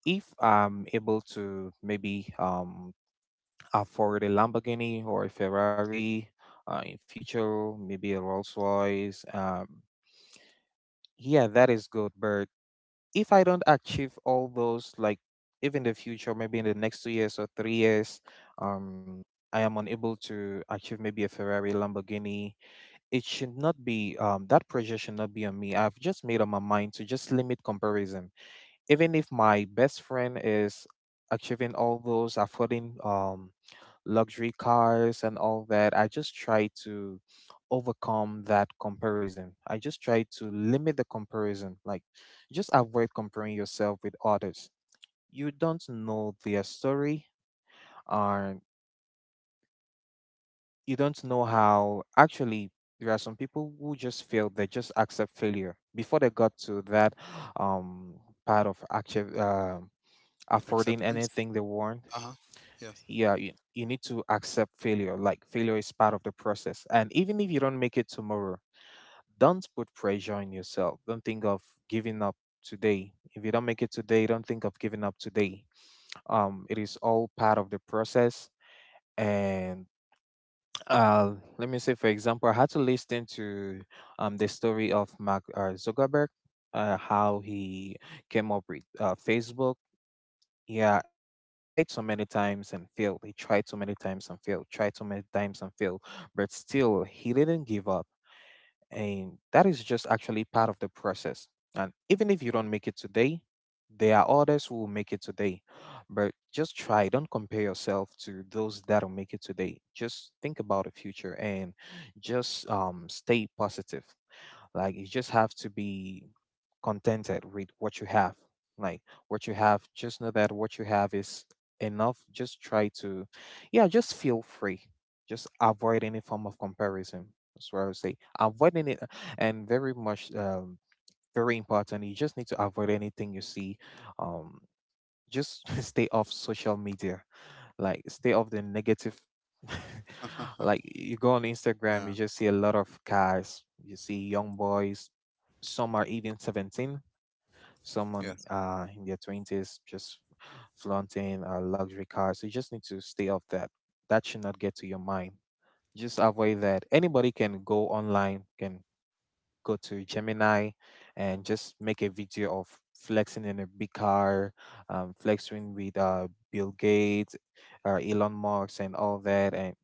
B: If I'm able to maybe afford a Lamborghini or a Ferrari in future, maybe a Rolls Royce. Yeah, that is good. But if I don't achieve all those, like if in the future, maybe in the next 2 years or 3 years, um, I am unable to achieve maybe a Ferrari, Lamborghini. It should not be that pressure should not be on me. I've just made up my mind to just limit comparison. Even if my best friend is achieving all those, affording luxury cars and all that, I just try to overcome that comparison. I just try to limit the comparison. Like, just avoid comparing yourself with others. You don't know their story, and you don't know how. Actually, there are some people who just fail. They just accept failure before they got to that um, part of actually affording
A: Acceptance.
B: anything they want.
A: Uh-huh. Yes.
B: Yeah, you need to accept failure. Like, failure is part of the process, and even if you don't make it tomorrow, don't put pressure on yourself. Don't think of giving up today. If you don't make it today, don't think of giving up today. It is all part of the process. And uh let me say, for example, I had to listen to the story of Mark Zuckerberg, how he came up with Facebook. Yeah, he tried so many times and failed. He tried so many times and failed. Tried so many times and failed. But still, he didn't give up. And that is just actually part of the process. And even if you don't make it today, there are others who will make it today. But just try. Don't compare yourself to those that'll make it today. Just think about the future and just stay positive. Like, you just have to be contented with what you have. Like, what you have, just know that what you have is enough. Just try to, yeah, just feel free. Just avoid any form of comparison. That's what I would say, avoiding it. And very much, very important, you just need to avoid anything you see. um just stay off social media. Like, stay off the negative. Like, you go on Instagram,
A: Yeah.
B: you just see a lot of guys. You see young boys, some are even 17. Someone
A: Yes.
B: in their twenties just flaunting a luxury car. So you just need to stay off that. That should not get to your mind. Just avoid that. Anybody can go online, can go to Gemini, and just make a video of flexing in a big car, flexing with Bill Gates, Elon Musk, and all that. And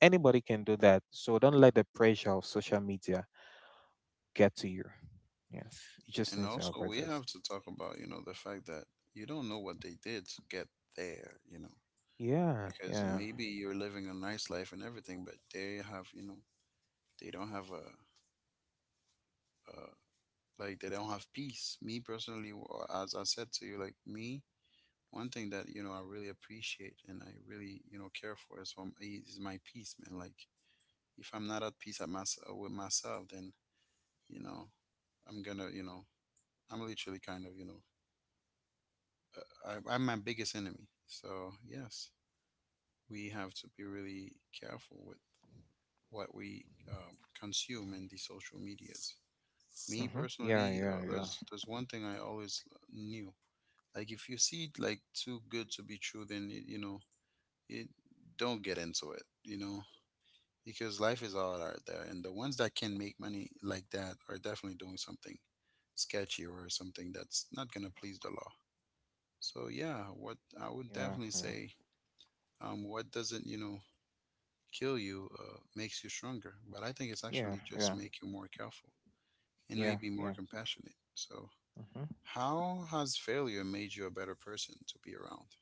B: anybody can do that. So don't let the pressure of social media get to you. Yeah, you
A: And
B: just need to
A: also
B: avoid
A: we have
B: this.
A: to talk about, you know, the fact that you don't know what they did to get there, you know,
B: Yeah,
A: because
B: yeah.
A: maybe you're living a nice life and everything, but they have, you know, they don't have uh, like they don't have peace. Me personally, or as I said to you, like me, one thing that, you know, I really appreciate and I really, you know, care for is, is my peace, man. Like if I'm not at peace at with myself, then, you know, I'm gonna, you know, I'm literally kind of, you know, I'm my biggest enemy. So yes, we have to be really careful with what we, consume in these social medias. Me
B: Mm-hmm.
A: personally,
B: Yeah,
A: though,
B: yeah, yeah,
A: there's one thing I always knew. Like if you see it like too good to be true, then it, you know it. Don't get into it. You know, because life is all out there, and the ones that can make money like that are definitely doing something sketchy or something that's not gonna please the law. So yeah, what I would
B: yeah,
A: definitely
B: yeah,
A: say, what doesn't, you know, kill you makes you stronger, but I think it's
B: yeah,
A: actually just
B: yeah,
A: make you more careful and
B: yeah,
A: maybe more
B: yeah.
A: compassionate. So
B: Mm-hmm.
A: how has failure made you a better person to be around?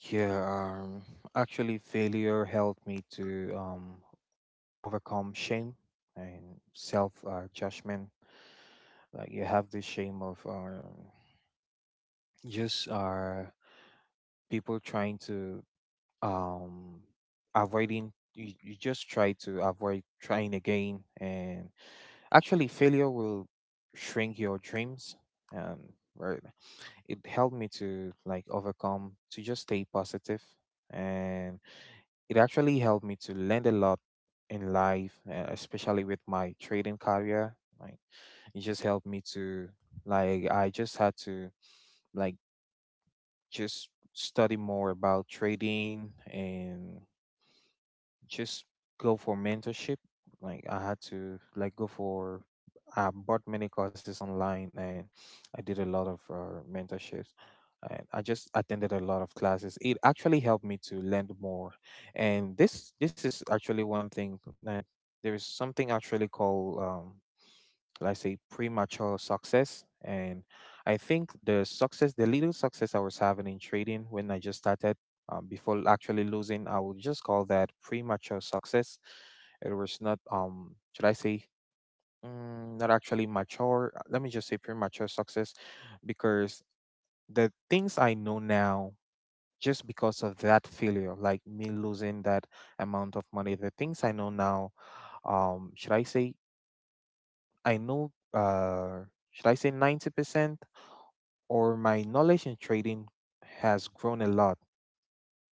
B: Yeah. Actually, failure helped me to overcome shame and self judgment. Like, you have this shame of just people trying to um avoiding. You just try to avoid trying again, and actually, failure will shrink your dreams. Um. Right. It helped me to, like, overcome, to just stay positive. And it actually helped me to learn a lot in life, especially with my trading career. Like, it just helped me to, like I just had to like just study more about trading and just go for mentorship. Like, I had to, like, go for, I bought many courses online, and I did a lot of mentorships. And I just attended a lot of classes. It actually helped me to learn more. And this is actually one thing. And there is something actually called, let's say, premature success. And I think the success, the little success I was having in trading when I just started, before actually losing, I would just call that premature success. It was not, should I say, mm, not actually mature. Let me just say premature success. Because the things I know now, just because of that failure, like me losing that amount of money, the things I know now, should I say, I know, should I say, 90%, or my knowledge in trading has grown a lot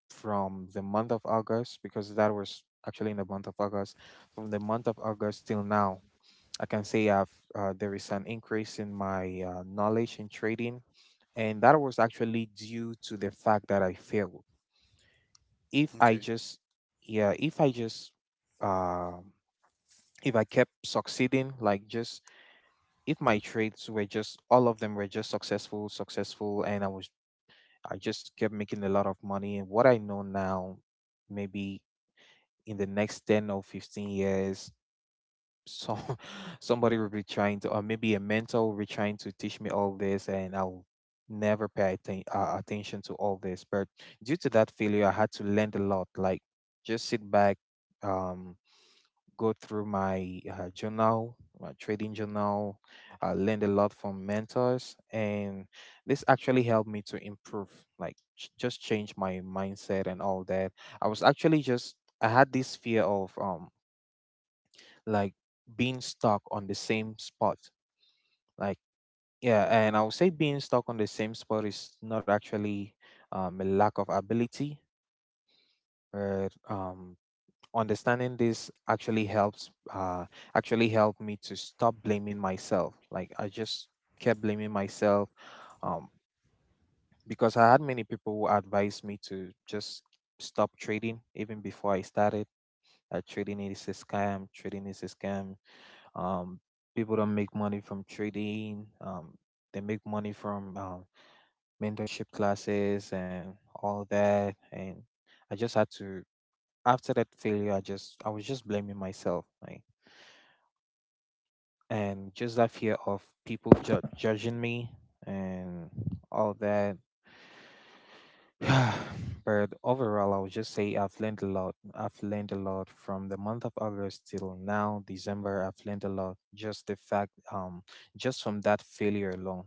B: from the month of August, because that was actually in the month of August. From the month of August till now, I can say I've, there is an increase in my knowledge in trading. And that was actually due to the fact that I failed. If I
A: Okay.
B: just, yeah, if I just, um if I kept succeeding, like, just if my trades were just, all of them were just successful, successful, and I just kept making a lot of money. And what I know now, maybe in the next 10 or 15 years, so somebody will be trying to, or maybe a mentor will be trying to teach me all this, and I'll never attention to all this. But due to that failure, I had to learn a lot. Like, just sit back. Um, go through my journal, my trading journal. I learned a lot from mentors, and this actually helped me to improve, like, just change my mindset and all that. I was actually just I had this fear of like being stuck on the same spot, like, yeah. And I would say being stuck on the same spot is not actually, a lack of ability, but understanding this actually helps actually helped me to stop blaming myself. Like, I just kept blaming myself, um because I had many people who advised me to just stop trading even before I started. Trading is a scam, trading is a scam. um people don't make money from trading. They make money from mentorship classes and all that. And I just had to, after that failure, I was just blaming myself, like, and just that fear of people judging me and all that. But overall, I would just say I've learned a lot. I've learned a lot from the month of August till now, December. I've learned a lot. Just the fact, just from that failure alone,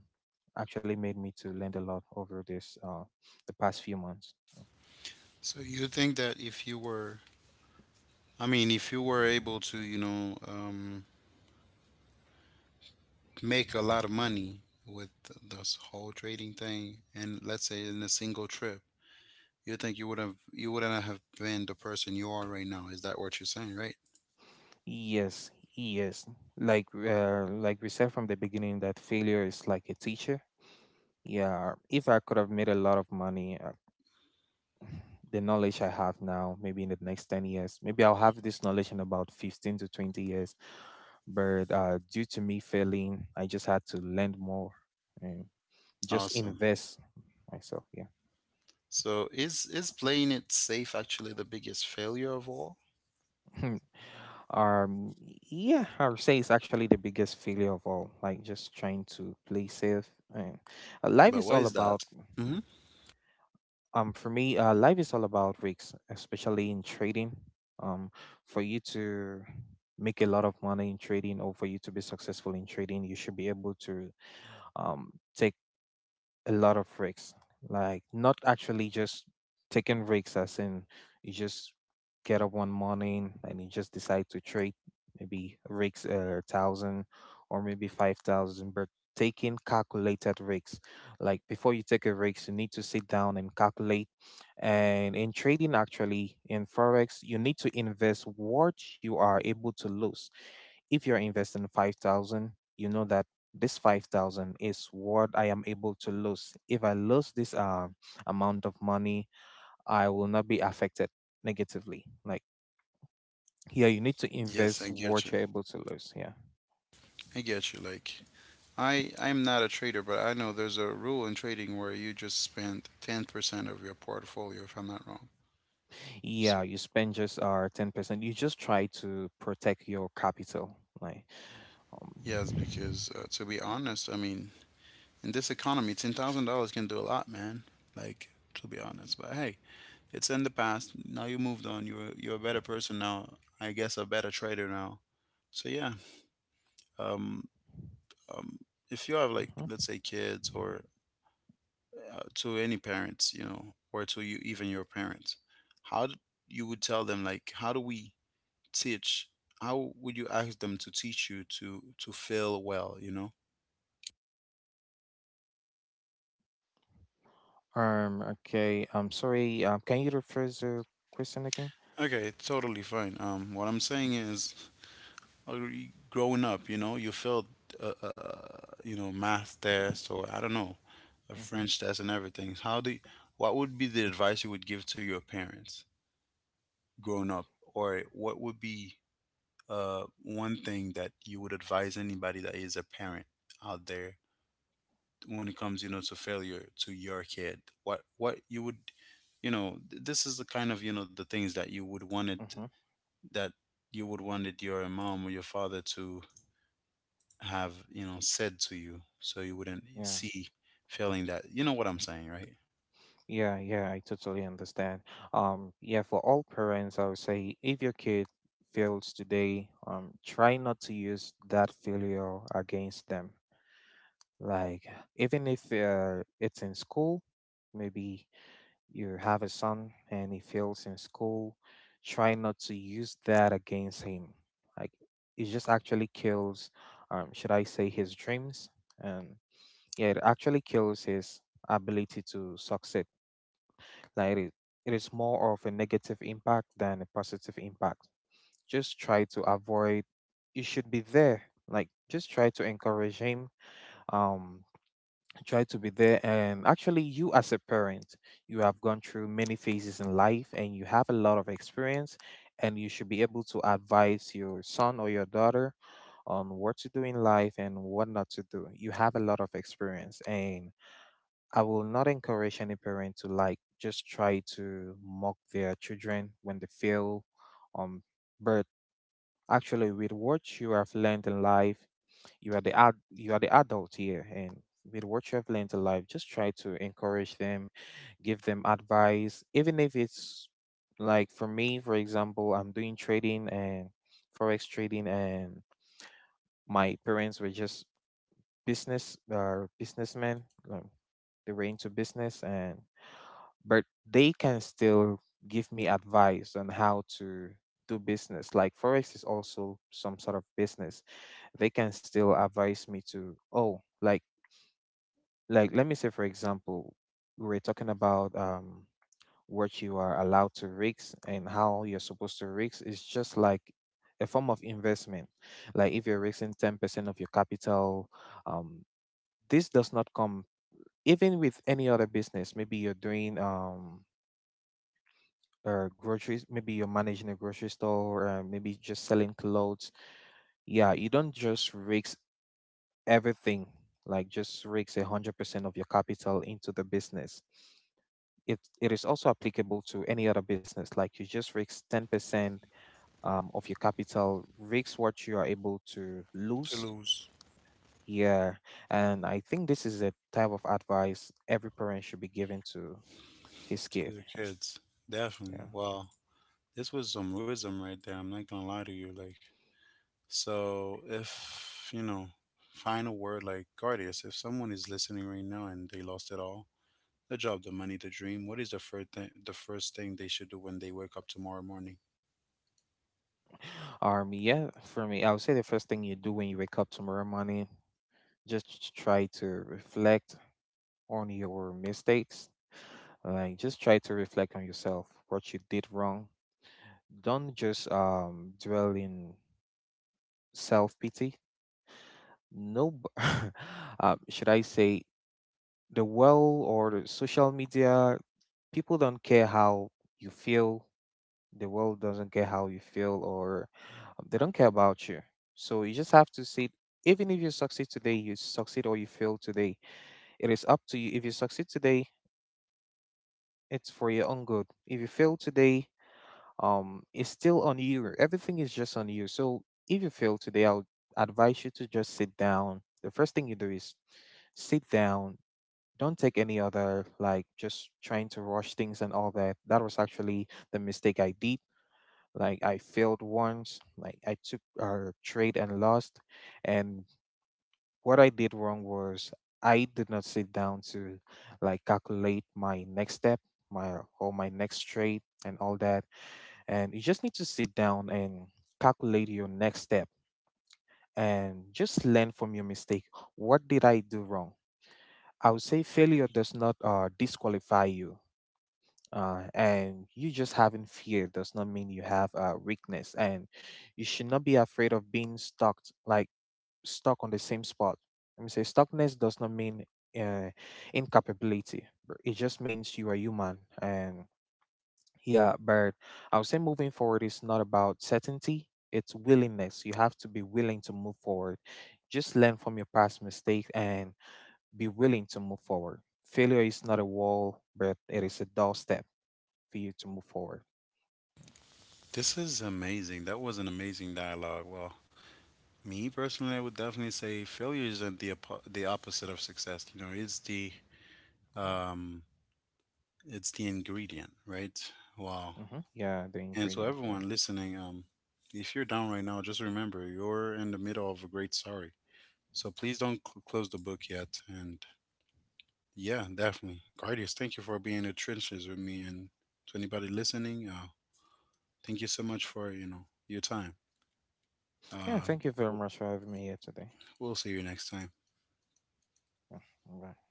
B: actually made me to learn a lot over this, the past few months.
A: So you think that if you were, I mean, if you were able to, you know, make a lot of money with this whole trading thing, and let's say in a single trip, you think you would have, you wouldn't have been the person you are right now. Is that what you're saying, right?
B: Yes, yes. Like we said from the beginning, that failure is like a teacher. Yeah, if I could have made a lot of money, the knowledge I have now, maybe in the next 10 years, maybe I'll have this knowledge in about 15 to 20 years. But due to me failing, I just had to learn more and just
A: Awesome.
B: invest myself. Yeah.
A: So is playing it safe actually the biggest failure of all?
B: Hmm. um, yeah, I would say it's actually the biggest failure of all, like just trying to play safe. And life
A: But
B: is
A: why
B: all
A: is
B: about
A: that? Hmm.
B: for me, life is all about risks, especially in trading. um for you to make a lot of money in trading, or for you to be successful in trading, you should be able to take a lot of risks. Like, not actually just taking risks as in you just get up one morning and you just decide to trade, maybe risks a thousand or maybe 5,000, but taking calculated risks. Like, before you take a risk, you need to sit down and calculate. And in trading, actually in forex, you need to invest what you are able to lose. If you're investing 5,000, you know that this 5,000 is what I am able to lose. If I lose this, amount of money, I will not be affected negatively. Like, yeah, you need to
A: Yes, I
B: invest
A: get
B: what
A: you.
B: you're able to lose. Yeah,
A: I get you. Like I'm not a trader, but I know there's a rule in trading where you just spend 10% of your portfolio, if I'm not wrong.
B: yeah, you spend just 10%. You just try to protect your capital. Like, um,
A: Yes, because to be honest, I mean, in this economy, $10,000 can do a lot, man. Like, to be honest, but hey, it's in the past. Now you moved on. You're a better person now. I guess a better trader now. So yeah, um, um, if you have like,
B: mm-hmm.
A: let's say, kids, or to any parents, you know, or to you, even your parents, how d you would tell them like, how do we teach? How would you ask them to teach you to feel well? You know.
B: Okay, I'm sorry. Can you rephrase the question again?
A: Okay, totally fine. What I'm saying is, growing up, you know, you failed, uh, uh, you know, math test, or I don't know, a
B: Mhm.
A: French test and everything. How do, you, what would be the advice you would give to your parents growing up, or what would be one thing that you would advise anybody that is a parent out there when it comes, you know, to failure to your kid? What you would, you know, this is the kind of, you know, the things that you would want it,
B: Mhm.
A: that you would wanted your mom or your father to have, you know, said to you, so you wouldn't
B: Yeah.
A: see feeling that, you know what I'm saying, right?
B: Yeah, yeah, I totally understand. Yeah, for all parents, I would say, if your kid fails today, try not to use that failure against them. Like, even if it's in school, maybe you have a son and he fails in school, try not to use that against him. Like, it just actually kills, should I say, his dreams? And yeah, it actually kills his ability to succeed. like it is, it is more of a negative impact than a positive impact. Just try to avoid. You should be there. Like, just try to encourage him. Um, try to be there. And actually, you as a parent, you have gone through many phases in life, and you have a lot of experience. And you should be able to advise your son or your daughter on what to do in life and what not to do. You have a lot of experience, and I will not encourage any parent to, like, just try to mock their children when they fail. Um, but actually, with what you have learned in life, you are the you are the adult here, and with what you have learned in life, just try to encourage them, give them advice, even if it's like for me, for example, I'm doing trading and forex trading, and my parents were just businessmen. um, They were into business and but they can still give me advice on how to do business. Like Forex is also some sort of business. They can still advise me to, oh, like, let me say, for example, we're talking about what you are allowed to risk and how you're supposed to risk. It's just like a form of investment. Like if you're risking 10% of your capital, um, this does not come even with any other business. Maybe you're doing groceries, maybe you're managing a grocery store, maybe just selling clothes. Yeah, you don't just risk everything, like just risk a 100% of your capital into the business. It is also applicable to any other business. Like you just risk 10% of your capital. Risk what you are able to
A: To
B: lose.
A: lose.
B: Yeah, and I think this is a type of advice every parent should be giving to his
A: To
B: kid.
A: the kids. Definitely.
B: Yeah.
A: Wow. This was some wisdom right there. I'm not gonna lie to you, like. So, if you know, final word, like Guardius, if someone is listening right now and they lost it all, the job, the money, the dream, what is the first thing, they should do when they wake up tomorrow morning?
B: Yeah, for me, I would say the first thing you do when you wake up tomorrow morning, just try to reflect on your mistakes. Like, just try to reflect on yourself, what you did wrong. Don't just dwell in self pity. No, b- Should I say the world or the social media? People don't care how you feel. The world doesn't care how you feel, or they don't care about you. So you just have to see, even if you succeed today, you succeed or you fail today. It is up to you. If you succeed today, it's for your own good. If you fail today, it's still on you. Everything is just on you. So if you fail today, I would advise you to just sit down. The first thing you do is sit down. Don't take any other, like just trying to rush things and all that. That was actually the mistake I did. Like I failed once, like I took our trade and lost. And what I did wrong was I did not sit down to like calculate my next step, my next trade and all that. And you just need to sit down and calculate your next step and just learn from your mistake. What did I do wrong? I would say failure does not disqualify you. And you just having fear does not mean you have a weakness, and you should not be afraid of being stuck, like stuck on the same spot. Let me say stuckness does not mean uh, incapability, but it just means you are human. And yeah, but I would say moving forward is not about certainty, it's willingness. You have to be willing to move forward. Just learn from your past mistake and be willing to move forward. Failure is not a wall, but it is a doorstep for you to move forward.
A: This is amazing. That was an amazing dialogue. Well, me personally, I would definitely say failure isn't the the opposite of success. You know, it's the,
B: Yeah.
A: um, it's the ingredient, right? Wow.
B: Mm-hmm. Yeah, the
A: And so,
B: ingredient. Yeah.
A: everyone listening, if you're down right now, just remember you're in the middle of a great story. So please don't close the book yet. And yeah, definitely, Guardians, thank you for being in the trenches with me. And to anybody listening, thank you so much for, you know, your time.
B: Yeah,
A: Uh,
B: thank you very
A: we'll,
B: much for having me here today.
A: we'll see you next time.
B: Yeah. Bye.